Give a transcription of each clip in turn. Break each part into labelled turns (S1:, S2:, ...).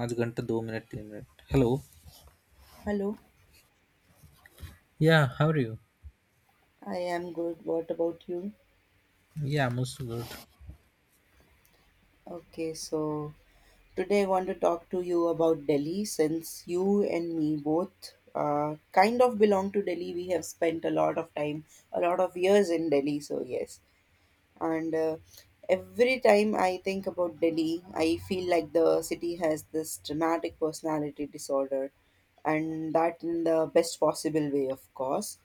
S1: पाँच घंटे दो मिनट तीन minute hello.
S2: Hello,
S1: Yeah, how are you?
S2: I am good. What about you?
S1: Yeah, I'm also good.
S2: Okay, so today I want to talk to you about Delhi since you and me both kind of belong to Delhi. We have spent a lot of time, a lot of years in Delhi, so yes. and Every time I think about Delhi, I feel like the city has this dramatic personality disorder, and that in the best possible way, of course.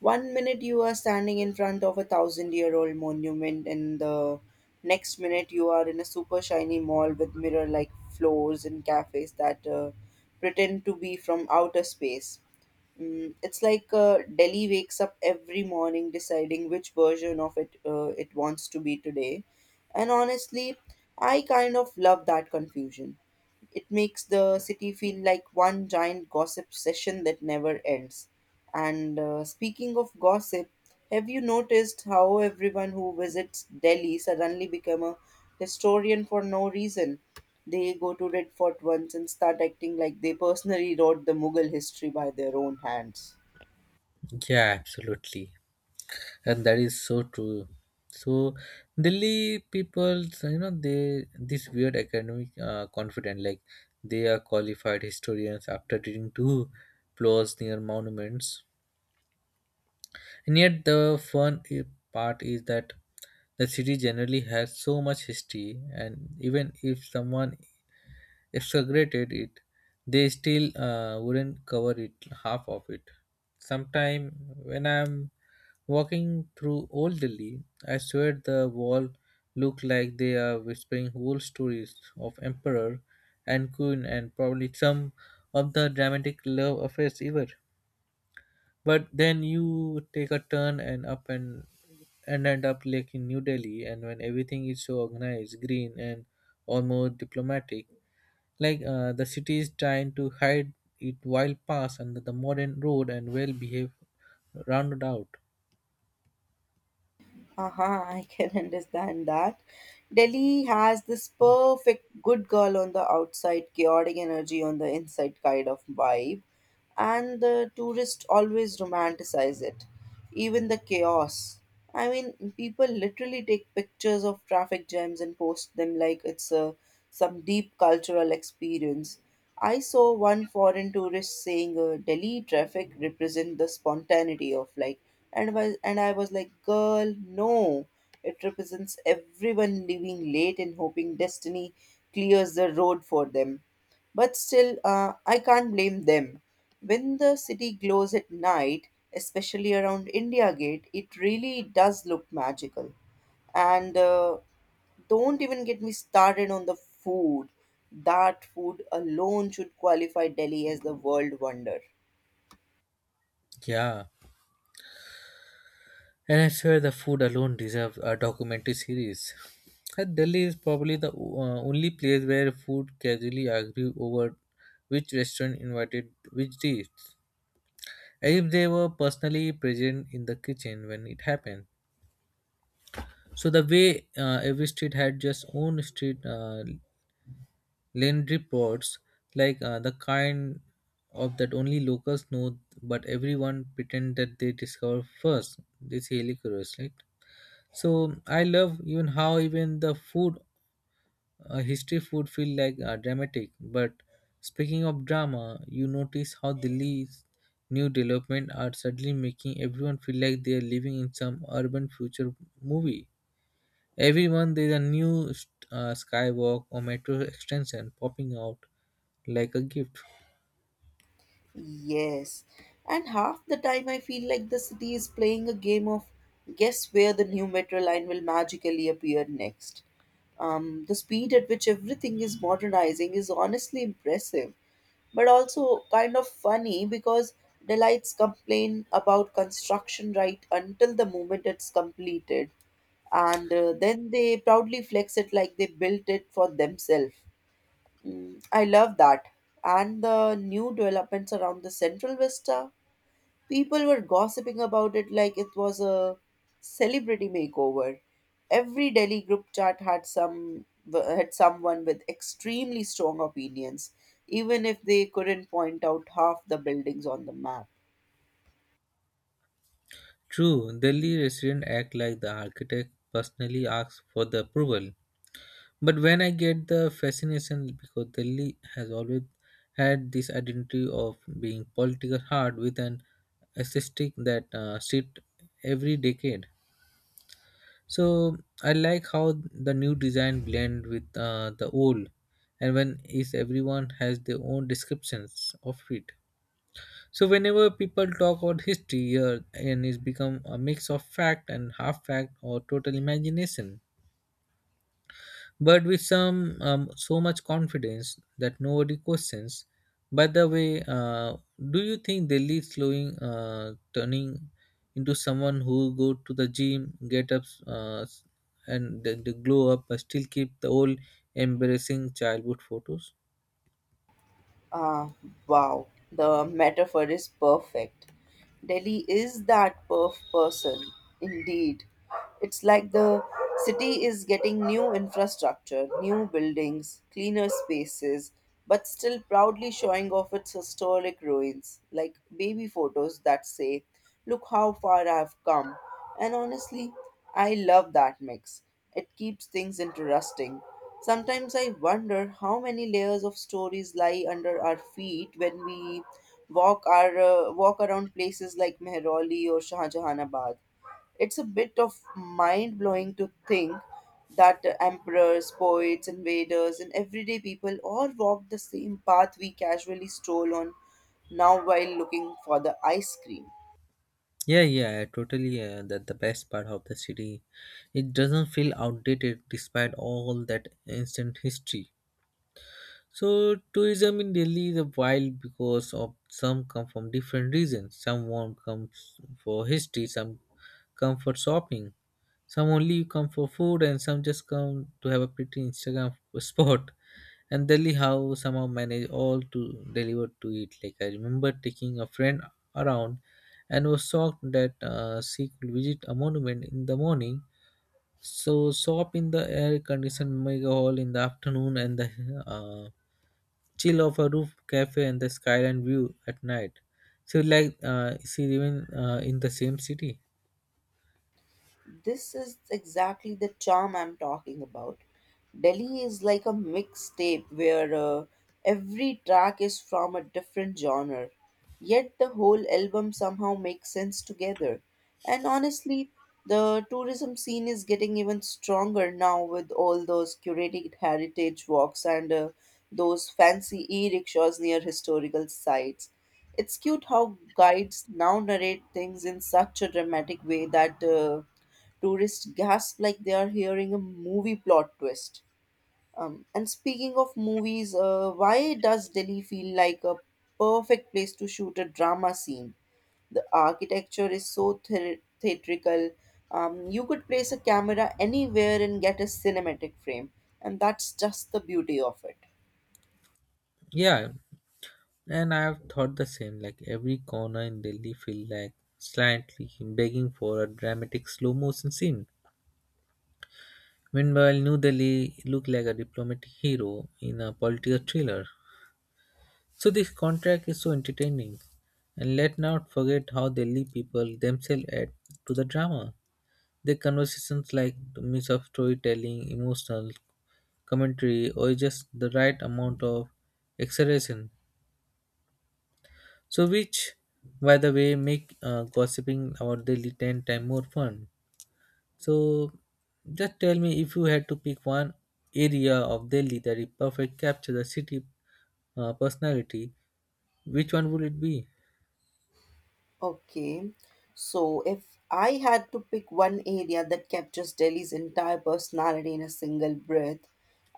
S2: One minute you are standing in front of a thousand year old monument, and the next minute you are in a super shiny mall with mirror like floors and cafes that pretend to be from outer space. Mm, it's like Delhi wakes up every morning deciding which version of it it wants to be today. And honestly, I kind of love that confusion. It makes the city feel like one giant gossip session that never ends. And speaking of gossip, have you noticed how everyone who visits Delhi suddenly become a historian for no reason? They go to Red Fort once and start acting like they personally wrote the Mughal history by their own hands.
S1: Yeah, absolutely, and that is so true. So Delhi people, they this weird academic, confident like they are qualified historians after reading two plots near monuments. And yet the fun i- part is that the city generally has so much history, and even if someone exaggerated it, they still wouldn't cover it half of it. Sometime when I'm walking through Old Delhi, I swear the wall look like they are whispering whole stories of emperor and queen and probably some of the dramatic love affairs ever. But then you take a turn and end up like in New Delhi, and when everything is so organized, green, and almost diplomatic, like the city is trying to hide it while pass under the modern road and well behaved rounded out.
S2: Haha, I can understand that. Delhi has this perfect good girl on the outside, chaotic energy on the inside kind of vibe, and the tourists always romanticize it, even the chaos. I mean, people literally take pictures of traffic jams and post them like it's a some deep cultural experience. I saw one foreign tourist saying Delhi traffic represent the spontaneity of like and I was like girl no, it represents everyone leaving late and hoping destiny clears the road for them. But still I can't blame them when the city glows at night, especially around India gate. It really does look magical. And don't even get me started on the food. That food alone should qualify Delhi as the world wonder.
S1: Yeah. And I swear the food alone deserves a documentary series. And Delhi is probably the only place where food casually argue over which restaurant invited which dish, as if they were personally present in the kitchen when it happened. So the way every street had just own street legendary pods, like the kind of that only locals know, but everyone pretend that they discover first. It's really curious, right? So I love even how even the food, history food feel like dramatic. But speaking of drama, you notice how Delhi's new development are suddenly making everyone feel like they are living in some urban future movie. Every month there's a new skywalk or metro extension popping out like a gift.
S2: Yes, and half the time I feel like the city is playing a game of guess where the new metro line will magically appear next. The speed at which everything is modernizing is honestly impressive, but also kind of funny because delights complain about construction right until the moment it's completed, and then they proudly flex it like they built it for themselves. Mm, I love that. And the new developments around the Central Vista, people were gossiping about it like it was a celebrity makeover. Every Delhi group chat had some had someone with extremely strong opinions, even if they couldn't point out half the buildings on the map.
S1: True, Delhi residents act like the architect personally asks for the approval. But when I get the fascination because Delhi has always had this identity of being political hard with an aesthetic that shifts every decade. So I like how the new design blend with the old, and when is everyone has their own descriptions of it. So whenever people talk about history, here and it's become a mix of fact and half fact or total imagination but with some so much confidence that nobody questions. By the way, do you think Delhi is slowing, turning into someone who go to the gym, get up, and the glow up, but still keep the old embarrassing childhood photos?
S2: Ah, wow. The metaphor is perfect. Delhi is that perf person, indeed. It's like the city is getting new infrastructure, new buildings, cleaner spaces, but still proudly showing off its historic ruins, like baby photos that say, look how far I've come. And honestly, I love that mix. It keeps things interesting. Sometimes I wonder how many layers of stories lie under our feet when we walk around places like Mehrauli or Shahjahanabad. It's a bit of mind-blowing to think that emperors, poets, invaders, and everyday people all walked the same path we casually stroll on now while looking for the ice cream.
S1: Yeah, yeah, totally. That the best part of the city, it doesn't feel outdated despite all that ancient history. So tourism in Delhi is wild because of some come from different regions. Some want comes for history, some come for shopping, some only come for food, and some just come to have a pretty Instagram spot. And Delhi how somehow manage all to deliver to it. Like I remember taking a friend around and was shocked that she could visit a monument in the morning. So shop in the air conditioned mega hall in the afternoon and the uh, chill of a roof cafe and the skyline view at night. So like she even in the same city.
S2: This is exactly the charm I'm talking about. Delhi is like a mixtape where every track is from a different genre, yet the whole album somehow makes sense together. And honestly, the tourism scene is getting even stronger now with all those curated heritage walks and those fancy e rickshaws near historical sites. It's cute how guides now narrate things in such a dramatic way that. Tourists gasp like they are hearing a movie plot twist. And speaking of movies, why does Delhi feel like a perfect place to shoot a drama scene? The architecture is so theatrical. You could place a camera anywhere and get a cinematic frame, and that's just the beauty of it.
S1: Yeah, and I have thought the same. Like every corner in Delhi feel like slightly begging for a dramatic slow motion scene. Meanwhile, New Delhi looked like a diplomatic hero in a political thriller. So this contract is so entertaining. And let not forget how Delhi people themselves add to the drama. The conversations like the mix of storytelling, emotional commentary, or just the right amount of exaggeration. So, which, by the way, make gossiping our daily 10 times more fun. So, just tell me if you had to pick one area of Delhi that it perfect capture the city personality, which one would it be?
S2: Okay. So if I had to pick one area that captures Delhi's entire personality in a single breath,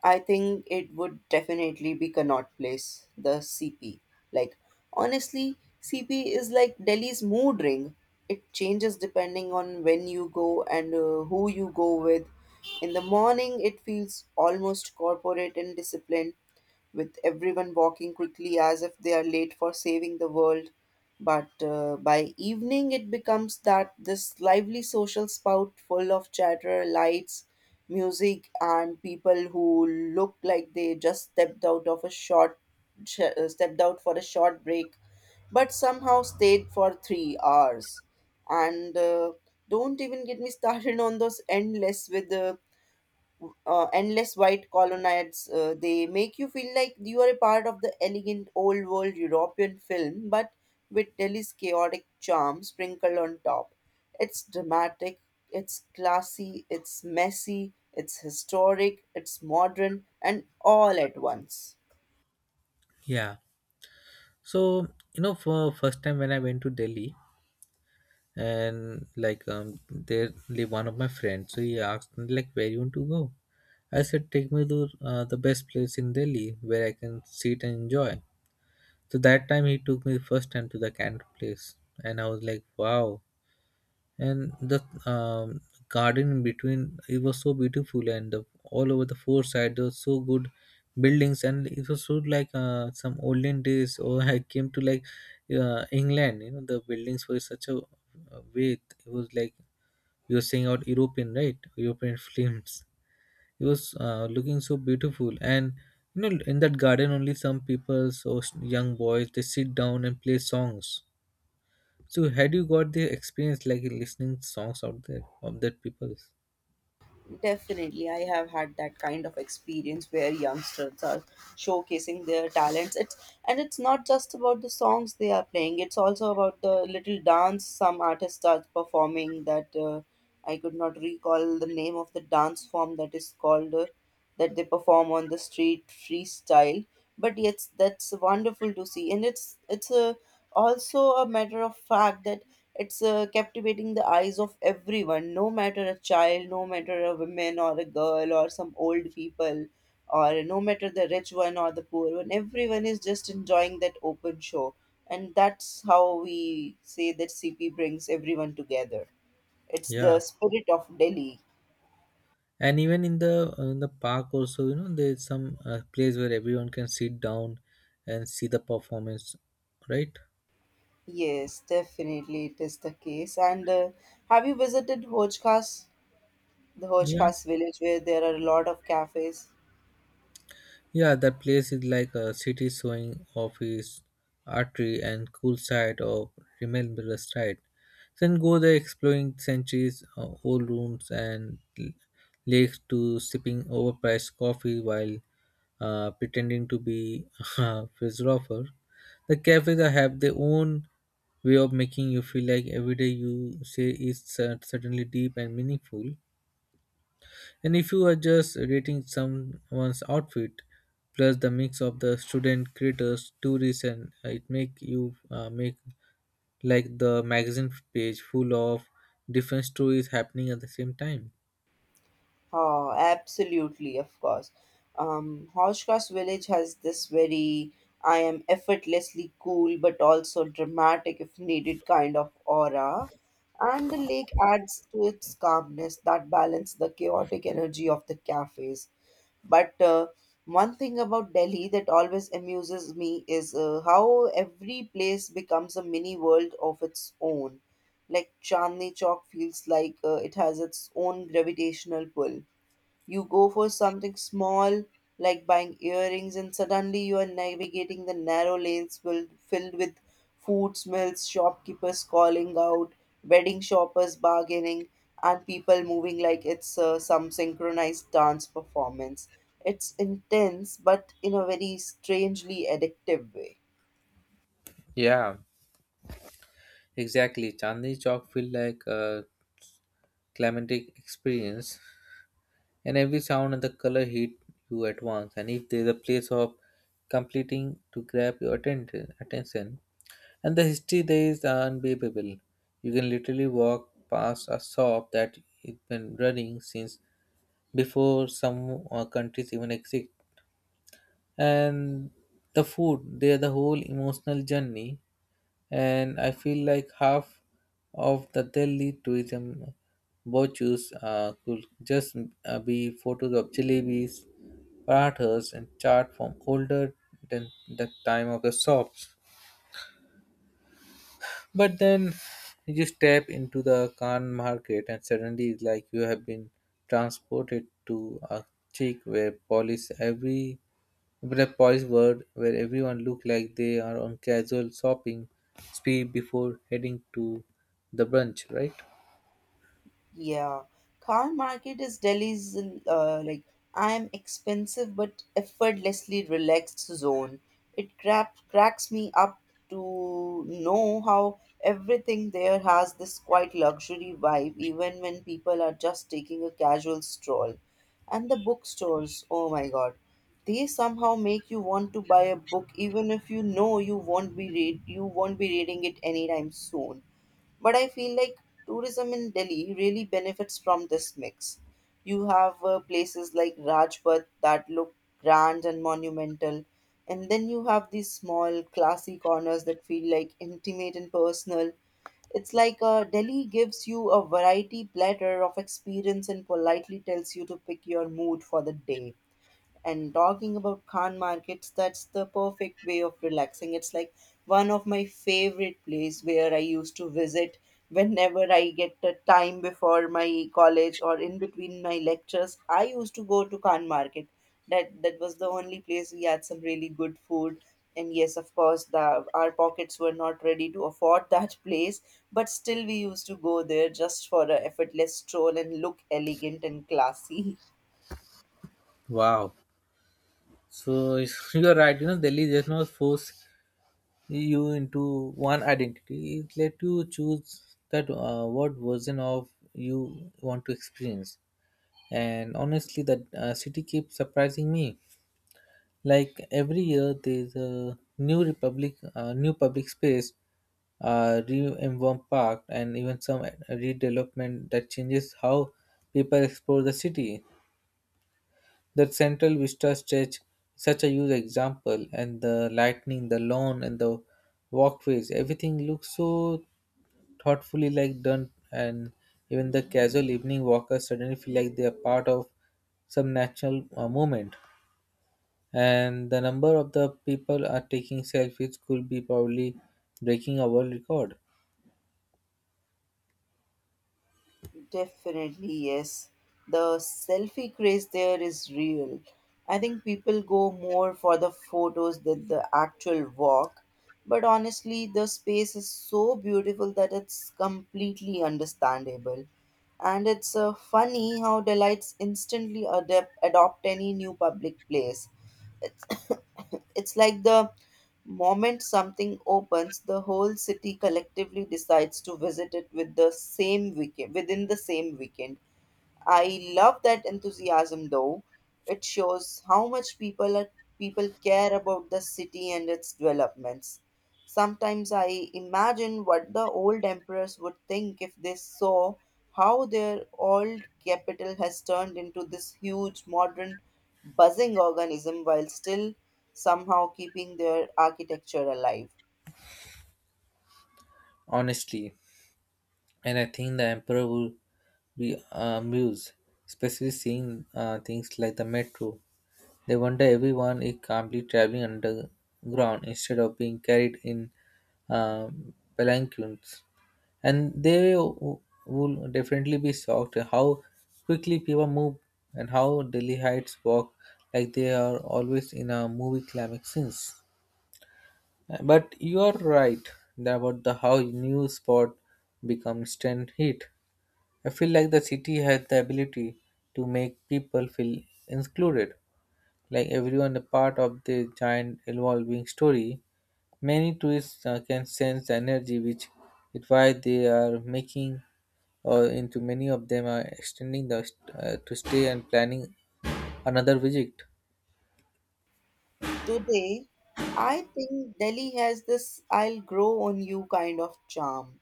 S2: I think it would definitely be Connaught Place, the CP. Like, honestly, CP is like Delhi's mood ring. It changes depending on when you go and who you go with. In the morning, it feels almost corporate and disciplined with everyone walking quickly as if they are late for saving the world. But by evening, it becomes that this lively social spout full of chatter, lights, music, and people who look like they just stepped out for a short break, but somehow stayed for 3 hours. And don't even get me started on those endless white colonnades. They make you feel like you are a part of the elegant old world European film, but with Delhi's chaotic charm sprinkled on top. It's dramatic, it's classy, it's messy, it's historic, it's modern, and all at once.
S1: Yeah. So you know, for first time when I went to Delhi, and like there live one of my friends, so he asked me like where you want to go. I said take me to the best place in Delhi where I can sit and enjoy. So that time he took me first time to the Canton Place, and I was like wow. And the um, garden in between, it was so beautiful, and the, all over the four sides there were so good buildings, and it was so like some olden days or I came to like England, you know, the buildings were such a way it was like, you're saying out European, right? European films. It was looking so beautiful. And you know in that garden only some people so young boys, they sit down and play songs. So had you got the experience like listening songs out there of that people?
S2: Definitely, I have had that kind of experience where youngsters are showcasing their talents. It's and it's not just about the songs they are playing; it's also about the little dance some artists are performing. That I could not recall the name of the dance form that is called. That they perform on the street freestyle, but yes, that's wonderful to see. And it's a, also a matter of fact that it's captivating the eyes of everyone, no matter a child, no matter a woman or a girl or some old people, or no matter the rich one or the poor one, everyone is just enjoying that open show. And that's how we say that CP brings everyone together. It's the
S1: Yeah,
S2: spirit of Delhi.
S1: and even in the park also, you know, there's some place where everyone can sit down and see the performance, right?
S2: Yes, definitely it is the case. And have you visited Hoj Khas, the Hoj
S1: Yeah,
S2: Khas village where there are a lot of cafes?
S1: yeah, that place is like a city showing off its artery and cool side of remember side. Then go there exploring centuries old rooms and lakes to sipping overpriced coffee while pretending to be a philosopher. The cafes that have their own way of making you feel like every day you say is certainly deep and meaningful. And if you are just rating someone's outfit, plus the mix of the student, creators, tourists, and it make you make like the magazine page full of different stories happening at the same time.
S2: Oh, absolutely, of course. Hoj Khas village has this very I am effortlessly cool but also dramatic if needed kind of aura. And the lake adds to its calmness that balance the chaotic energy of the cafes. But one thing about Delhi that always amuses me is how every place becomes a mini world of its own. Like Chandni Chowk feels like it has its own gravitational pull. You go for something small like buying earrings, and suddenly you are navigating the narrow lanes filled with food smells, shopkeepers calling out, wedding shoppers bargaining, and people moving like it's some synchronized dance performance. It's intense, but in a very strangely addictive way.
S1: Yeah, exactly. Chandni Chowk feel like a climatic experience, and every sound and the color hit you at once. And if there's a place of completing to grab your attention. And the history there is unbeatable. You can literally walk past a shop that has been running since before some countries even exist. And the food, they are the whole emotional journey. And I feel like half of the Delhi tourism virtues could just be photos of jalebis, parathas, and chart from older than the time of the shops. But then you just step into the Khan market and suddenly it's like you have been transported to a chic where police world where everyone look like they are on casual shopping spree before heading to the brunch, right?
S2: Yeah, car market is Delhi's like I'm expensive but effortlessly relaxed zone. It crap cracks me up to know how everything there has this quite luxury vibe, even when people are just taking a casual stroll. And the bookstores, oh my God, they somehow make you want to buy a book even if you know you won't be reading it anytime soon. But I feel like tourism in Delhi really benefits from this mix. You have places like Rajpath that look grand and monumental, and then you have these small, classy corners that feel like intimate and personal. It's like Delhi gives you a variety platter of experience and politely tells you to pick your mood for the day. And talking about Khan markets, that's the perfect way of relaxing. It's like one of my favorite place where I used to visit whenever I get the time before my college or in between my lectures. I used to go to Khan market. That was the only place we had some really good food. And yes, of course, the our pockets were not ready to afford that place, but still we used to go there just for a effortless stroll and look elegant and classy.
S1: Wow. So you are right. Delhi does not force you into one identity. It let you choose that what version of you want to experience. And honestly the city keeps surprising me, like every year there's a new public space, reinvent park and even some redevelopment that changes how people explore the city. The Central Vista stretch, such a huge example, and the lightning, the lawn and the walkways, everything looks so thoughtfully like done. And even the casual evening walkers suddenly feel like they are part of some natural movement, and the number of the people are taking selfies could be probably breaking a world record.
S2: Definitely, yes. The selfie craze there is real. I think people go more for the photos than the actual walk. But honestly, the space is so beautiful that it's completely understandable. And it's funny how delights instantly adopt any new public place. It's, it's like the moment something opens, the whole city collectively decides to visit it within the same weekend. I love that enthusiasm though. It shows how much people care about the city and its developments. Sometimes I imagine what the old emperors would think if they saw how their old capital has turned into this huge modern buzzing organism while still somehow keeping their architecture alive.
S1: Honestly, and I think the emperor would be amused, especially seeing things like the metro. They wonder everyone is calmly traveling underground instead of being carried in palanquins, and they will definitely be shocked at how quickly people move and how Delhi Heights walk like they are always in a movie climax scenes. But you are right that about the how new spot become instant hit. I feel like the city has the ability to make people feel included, like everyone a part of the giant evolving story. Many tourists can sense the energy, which is why they are making or into many of them are extending the to stay and planning another visit.
S2: Today, I think Delhi has this I'll grow on you kind of charm.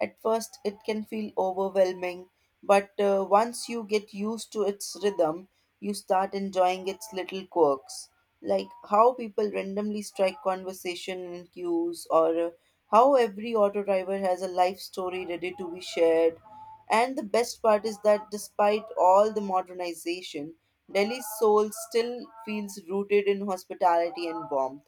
S2: At first, it can feel overwhelming, but once you get used to its rhythm, you start enjoying its little quirks, like how people randomly strike conversation in queues, or how every auto driver has a life story ready to be shared. And the best part is that despite all the modernization, Delhi's soul still feels rooted in hospitality and warmth.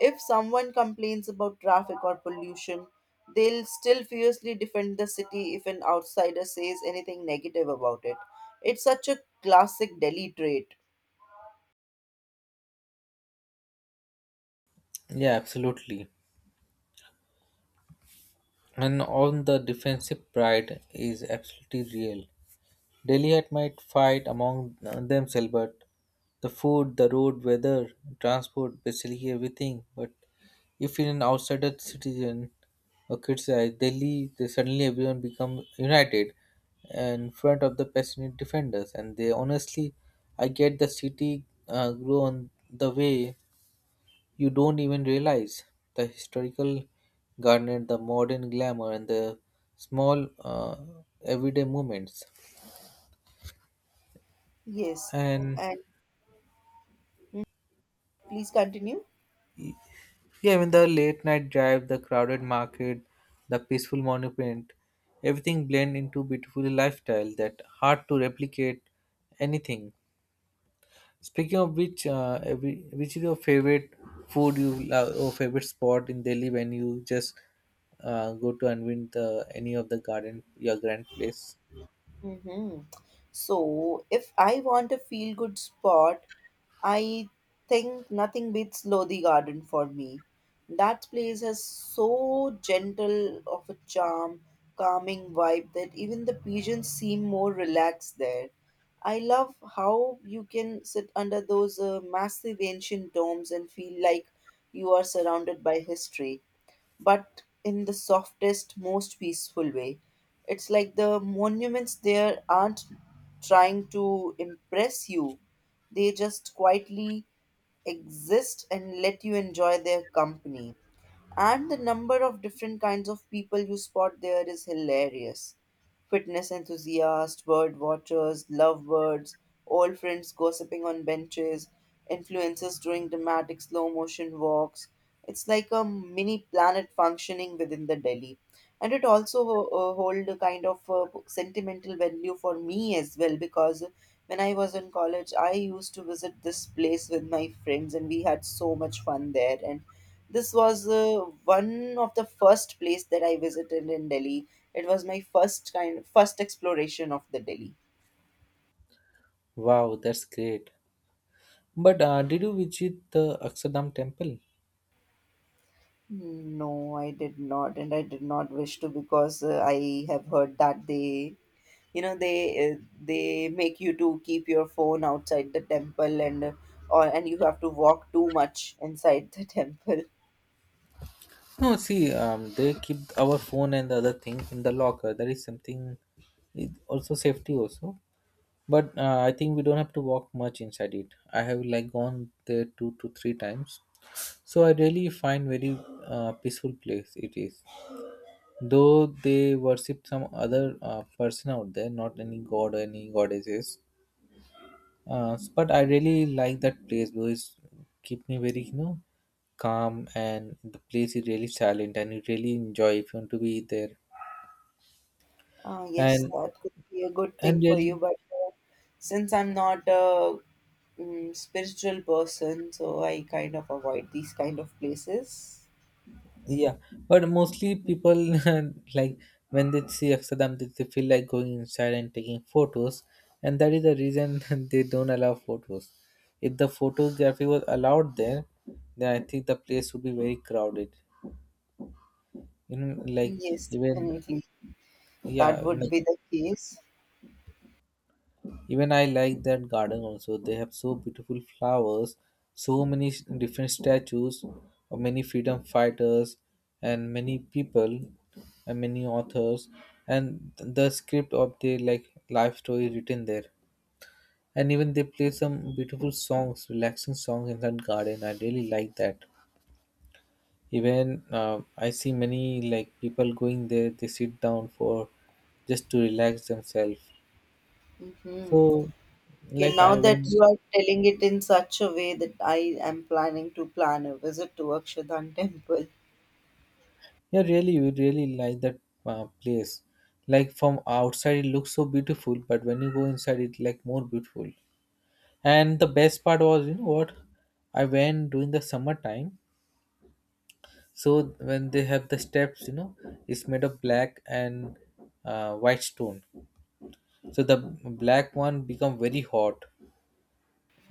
S2: If someone complains about traffic or pollution, they'll still fiercely defend the city if an outsider says anything negative about it. It's such a classic Delhi trait.
S1: Yeah, absolutely. And on the defensive pride is absolutely real. Delhi had might fight among themselves, but the food, the road, weather, transport, basically everything. But if you're an outsider citizen or criticize Delhi, they suddenly everyone become united in front of the passionate defenders. And they honestly, I get the city grow on the way you don't even realize the historical garnet, the modern glamour, and the small everyday moments.
S2: Yes,
S1: And
S2: and please continue.
S1: yeah, even the late night drive, the crowded market, the peaceful monument, everything blend into beautiful lifestyle that hard to replicate anything. Speaking of which, which is your favorite food you love or favorite spot in Delhi when you just go to unwind the any of the garden your grand place?
S2: Mm-hmm. So, if I want a feel good spot, I think nothing beats Lodi Garden for me. That place has so gentle of a charm, calming vibe that even the pigeons seem more relaxed there. I love how you can sit under those massive ancient domes and feel like you are surrounded by history but in the softest, most peaceful way. It's like the monuments there aren't trying to impress you, they just quietly exist and let you enjoy their company. And the number of different kinds of people you spot there is hilarious. Fitness enthusiasts, bird watchers, lovebirds, old friends gossiping on benches, influencers doing dramatic slow motion walks. It's like a mini planet functioning within the Delhi. And it also hold a kind of sentimental value for me as well because when I was in college, I used to visit this place with my friends and we had so much fun there. And this was one of the first place that I visited in Delhi. It was my first kind, first exploration of the Delhi.
S1: Wow, that's great. But did you visit the Akshardham temple?
S2: No, I did not, and I did not wish to because I have heard that they, you know, they make you to keep your phone outside the temple and or and you have to walk too much inside the temple.
S1: No, see, they keep our phone and the other thing in the locker. That is something, it also safety also. But I think we don't have to walk much inside it. I have like gone there 2 to 3 times, so I really find very peaceful place it is. Though they worship some other person out there, not any god or any goddesses. But I really like that place because keep me very calm, and the place is really silent and you really enjoy if you want to be there.
S2: Ah, yes,
S1: And
S2: that could be a good
S1: and
S2: thing for you,
S1: really
S2: but since I'm not spiritual person, so I kind of avoid these kind of places.
S1: Yeah, but mostly people like when they see Amsterdam they feel like going inside and taking photos, and that is the reason they don't allow photos. If the photography was allowed there, then I think the place would be very crowded, you know like
S2: Yes,
S1: even
S2: definitely. That
S1: yeah in
S2: would
S1: the
S2: be the case.
S1: Even I like that garden also. They have so beautiful flowers, so many different statues of many freedom fighters and many people and many authors, and the script of their like life story written there. And even they play some beautiful songs, relaxing songs in that garden. I really like that. Even I see many like people going there. They sit down for just to relax themselves.
S2: Mm-hmm.
S1: So,
S2: Okay,
S1: like
S2: now
S1: I went.
S2: that you are telling it in such a way that I am planning to plan a visit to Akshadhan temple.
S1: Yeah, really, we really like that place. Like from outside, it looks so beautiful, but when you go inside, it like more beautiful. And the best part was, you know what? I went during the summertime, so when they have the steps, you know, it's made of black and white stone. So the black one become very hot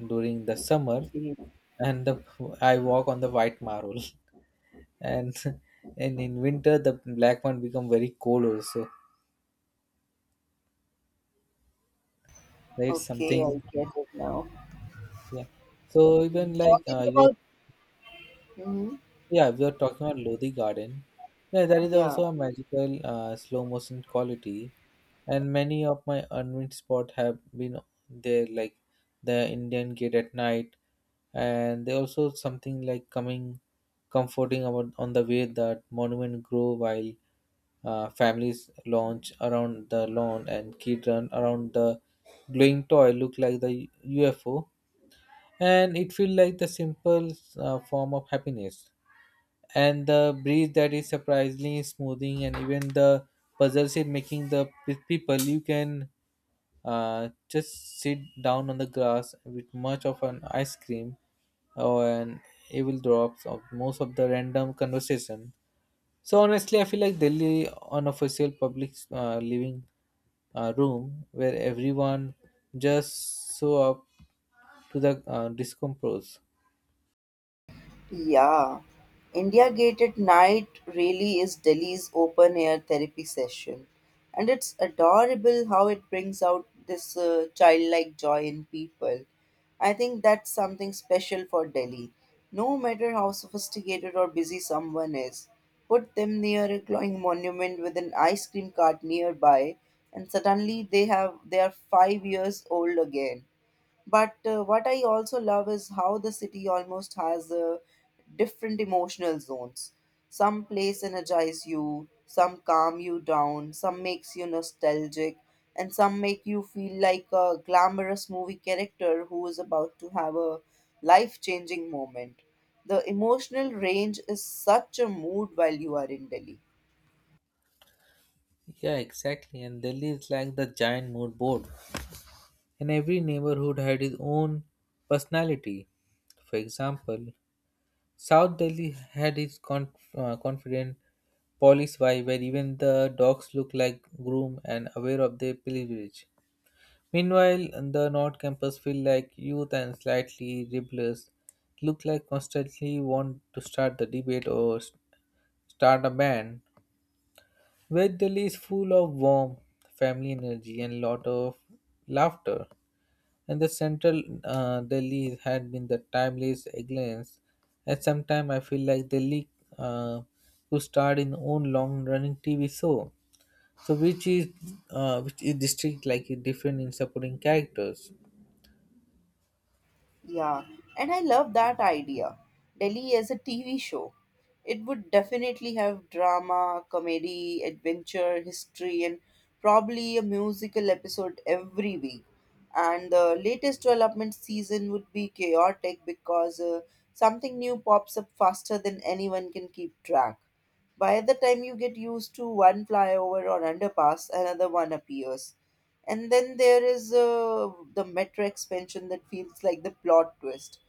S1: during the summer,
S2: Okay,
S1: and the I walk on the white marble, and and in winter the black one become very cold also. Right,
S2: okay I
S1: something.
S2: get it now.
S1: Yeah. So even
S2: Mm.
S1: like
S2: Talking
S1: you,
S2: about, mm,
S1: yeah, we are talking about Lodi Garden. Yeah, that is
S2: yeah.
S1: also a magical slow motion quality, and many of my unwin spot have been there, like the Indian Gate at night, and there also something like coming, comforting about on the way that monument grow while families launch around the lawn and kids run around the glowing toy look like the UFO. And it feels like the simple form of happiness, and the breeze that is surprisingly smoothing, and even the puzzles in making the people you can just sit down on the grass with much of an ice cream or an evil drops of most of the random conversation. So honestly I feel like Delhi unofficial public living room where everyone just show up to the discompose.
S2: Yeah. India Gate at night really is Delhi's open air therapy session. And it's adorable how it brings out this childlike joy in people. I think that's something special for Delhi. No matter how sophisticated or busy someone is, put them near a glowing monument with an ice cream cart nearby, and suddenly they are five years old again. But what I also love is how the city almost has different emotional zones. Some place energize you, some calm you down, some makes you nostalgic, and some make you feel like a glamorous movie character who is about to have a life-changing moment. The emotional range is such a mood while you are in Delhi.
S1: Yeah, exactly. And Delhi is like the giant mood board. And every neighborhood had its own personality. For example, South Delhi had its confident police vibe where even the dogs look like groom and aware of their pilgrimage. Meanwhile, the North Campus feel like youth and slightly rebellious, look like constantly want to start the debate or start a band. Veg Delhi is full of warmth, family energy, and lot of laughter. And the central Delhi had been the timeless excellence. At some time, I feel like Delhi uh, could start in own long-running TV show. So, which is district like is different in supporting characters.
S2: Yeah, and I love that idea. Delhi as a TV show. It would definitely have drama, comedy, adventure, history, and probably a musical episode every week. And the latest development season would be chaotic because something new pops up faster than anyone can keep track. By the time you get used to one flyover or underpass, another one appears. And then there is the metro expansion that feels like the plot twist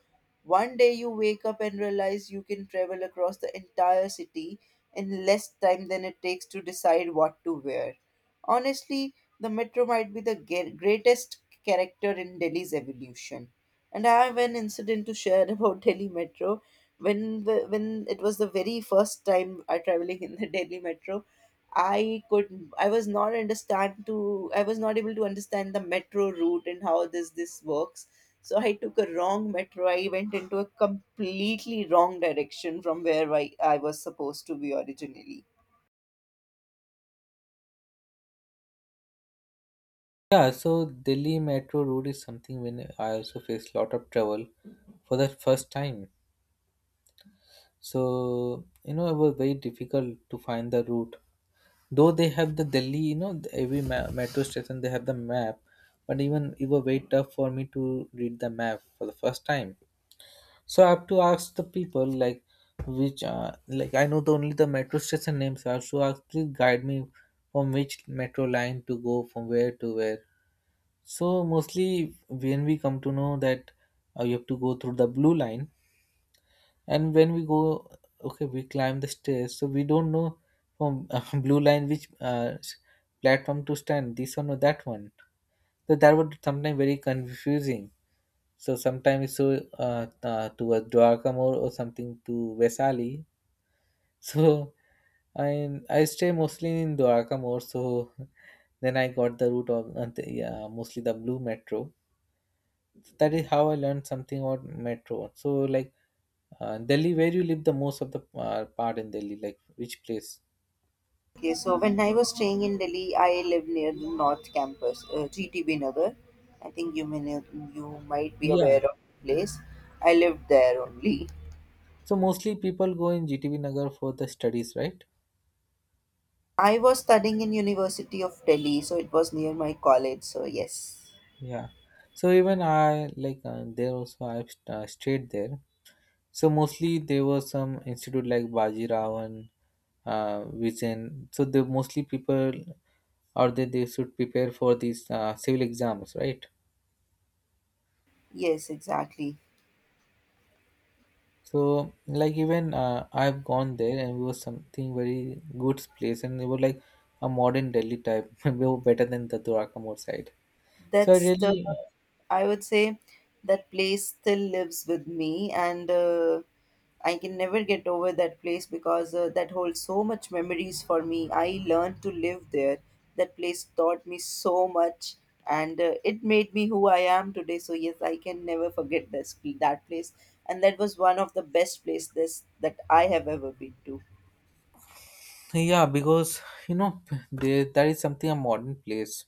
S2: one day you wake up and realize you can travel across the entire city in less time than it takes to decide what to wear. Honestly, the metro might be the greatest character in Delhi's evolution. And I have an incident to share about Delhi Metro. When it was the very first time I traveling in the Delhi Metro, I was not understand to I was not able to understand the metro route and how this works. So I took a wrong metro. I went into a completely wrong direction from where I was supposed to be originally.
S1: Yeah, so Delhi metro route is something when I also faced lot of trouble for the first time. So you know it was very difficult to find the route. Though they have the Delhi, you know, metro station they have the map, but even it was very tough for me to read the map for the first time. So I have to ask the people like which like I know the only the metro station names. So I also ask, please guide me from which metro line to go from where to where. So mostly when we come to know that you have to go through the blue line, and when we go, okay, we climb the stairs, so we don't know from blue line which platform to stand, this one or that one. So that would sometimes very confusing. So sometimes so towards Dwarka more or something to Vesali. So I stay mostly in Dwarka more, so then I got the route of mostly the blue metro. So that is how I learned something about metro. So like Delhi, where you live the most of the part in Delhi, like which place?
S2: Okay, so when I was staying in Delhi, I lived near the North Campus, GTB Nagar. I think you may know, you might be
S1: Yeah.
S2: aware of the place. I lived there only.
S1: So mostly people go in GTB Nagar for the studies, right?
S2: I was studying in University of Delhi, so it was near my college. So yes.
S1: Yeah. So even I like there also I've stayed there. So mostly there was some institute like Baji Rao and Vijayan. So the mostly people or they should prepare for these civil exams, right?
S2: Yes, exactly.
S1: So like even I've gone there and it was something very good place, and it was like a modern Delhi type. We were better than the Durakamur side. So I
S2: That's the,
S1: really.
S2: I would say that place still lives with me, and I can never get over that place because that holds so much memories for me. I learned to live there. That place taught me so much, and it made me who I am today. So yes, I can never forget this that place, and that was one of the best places that I have ever been to.
S1: Yeah, because you know there that is something a modern place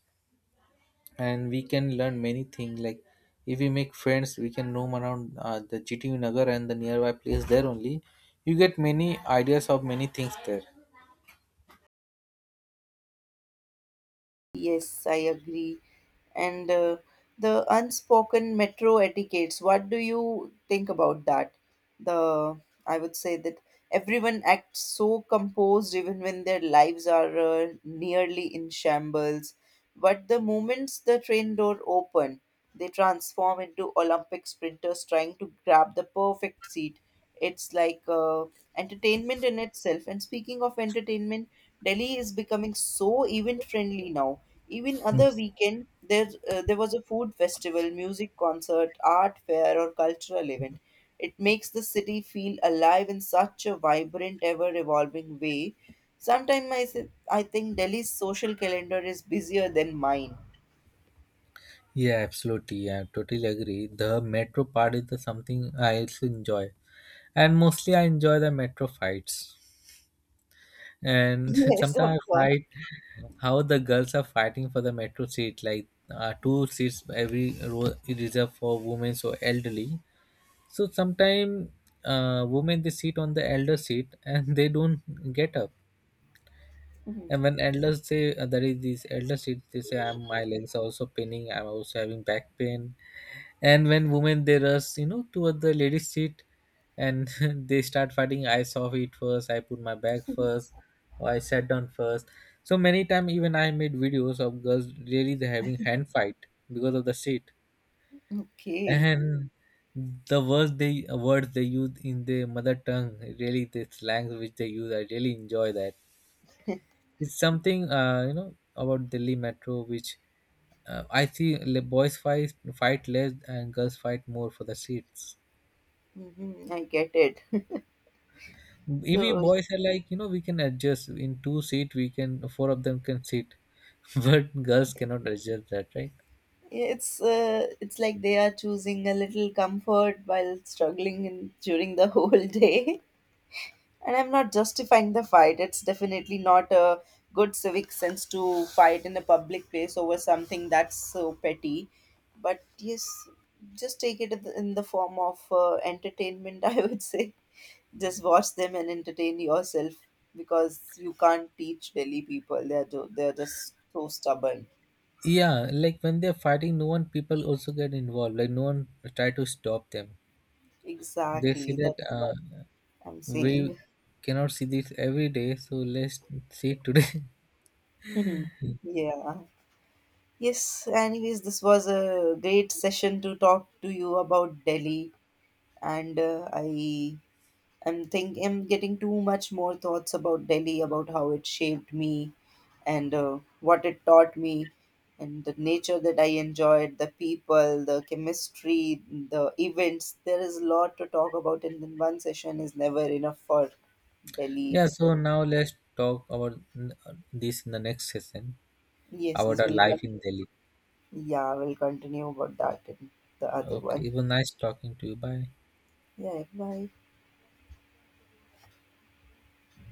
S1: and we can learn many things, like if we make friends we can roam around the GTU Nagar and the nearby place there only. You get many ideas of many things there.
S2: Yes, I agree. And the unspoken metro etiquettes, what do you think about that? The I would say that everyone acts so composed even when their lives are nearly in shambles. But the moments the train door open, they transform into Olympic sprinters trying to grab the perfect seat. It's like entertainment in itself. And speaking of entertainment, Delhi is becoming so event friendly now. Even other weekend, there was a food festival, music concert, art fair, or cultural event. It makes the city feel alive in such a vibrant, ever evolving way. Sometimes I think Delhi's social calendar is busier than mine.
S1: Yeah, absolutely. I totally agree. The metro part is the something I also enjoy, and mostly I enjoy the metro fights. And
S2: Yes, of
S1: sometimes I
S2: course.
S1: fight how the girls are fighting for the metro seat, like two seats every row is reserved for women or elderly. So sometimes women they sit on the elder seat and they don't get up.
S2: Mhm.
S1: And when elders say there is this elder seat, they say I'm my legs are also paining, I'm also having back pain. And when women they rush, you know, toward the ladies seat, and they start fighting. I saw it first, I put my bag first, or I sat down first. So many time, even I made videos of girls really they having hand fight because of the seat.
S2: Okay,
S1: And the words they use in their mother tongue, really the slangs which they use, I really enjoy that. It's something you know about Delhi metro, which I see boys fight, fight less, and girls fight more for the seats.
S2: hmm I get it.
S1: If we
S2: So
S1: boys are like, you know, we can adjust in two seat, we can four of them can sit, but girls cannot adjust that, right?
S2: it's it's like they are choosing a little comfort while struggling in, during the whole day. And I'm not justifying the fight. It's definitely not a good civic sense to fight in a public place over something that's so petty. But yes, just take it in the form of entertainment. I would say just watch them and entertain yourself because you can't teach Delhi people. They're just so stubborn.
S1: Yeah, like when they're fighting, no one people also get involved. Like no one try to stop them. They say
S2: Exactly.
S1: that
S2: That's what I'm
S1: we
S2: saying.
S1: cannot see this every day, so let's see it today.
S2: Mhm. Yeah. Yes, anyways, this was a great session to talk to you about Delhi. And I am think am getting too much more thoughts about Delhi, about how it shaped me and what it taught me and the nature that I enjoyed, the people, the chemistry, the events. There is a lot to talk about and then one session is never enough for Delhi
S1: Yeah, so
S2: itself.
S1: now let's talk about this in the next session
S2: Yes,
S1: about
S2: this
S1: our
S2: will
S1: life
S2: come.
S1: in Delhi.
S2: Yeah, we'll continue about that in the other
S1: Okay,
S2: one.
S1: it was nice talking to you. Bye.
S2: Yeah, bye.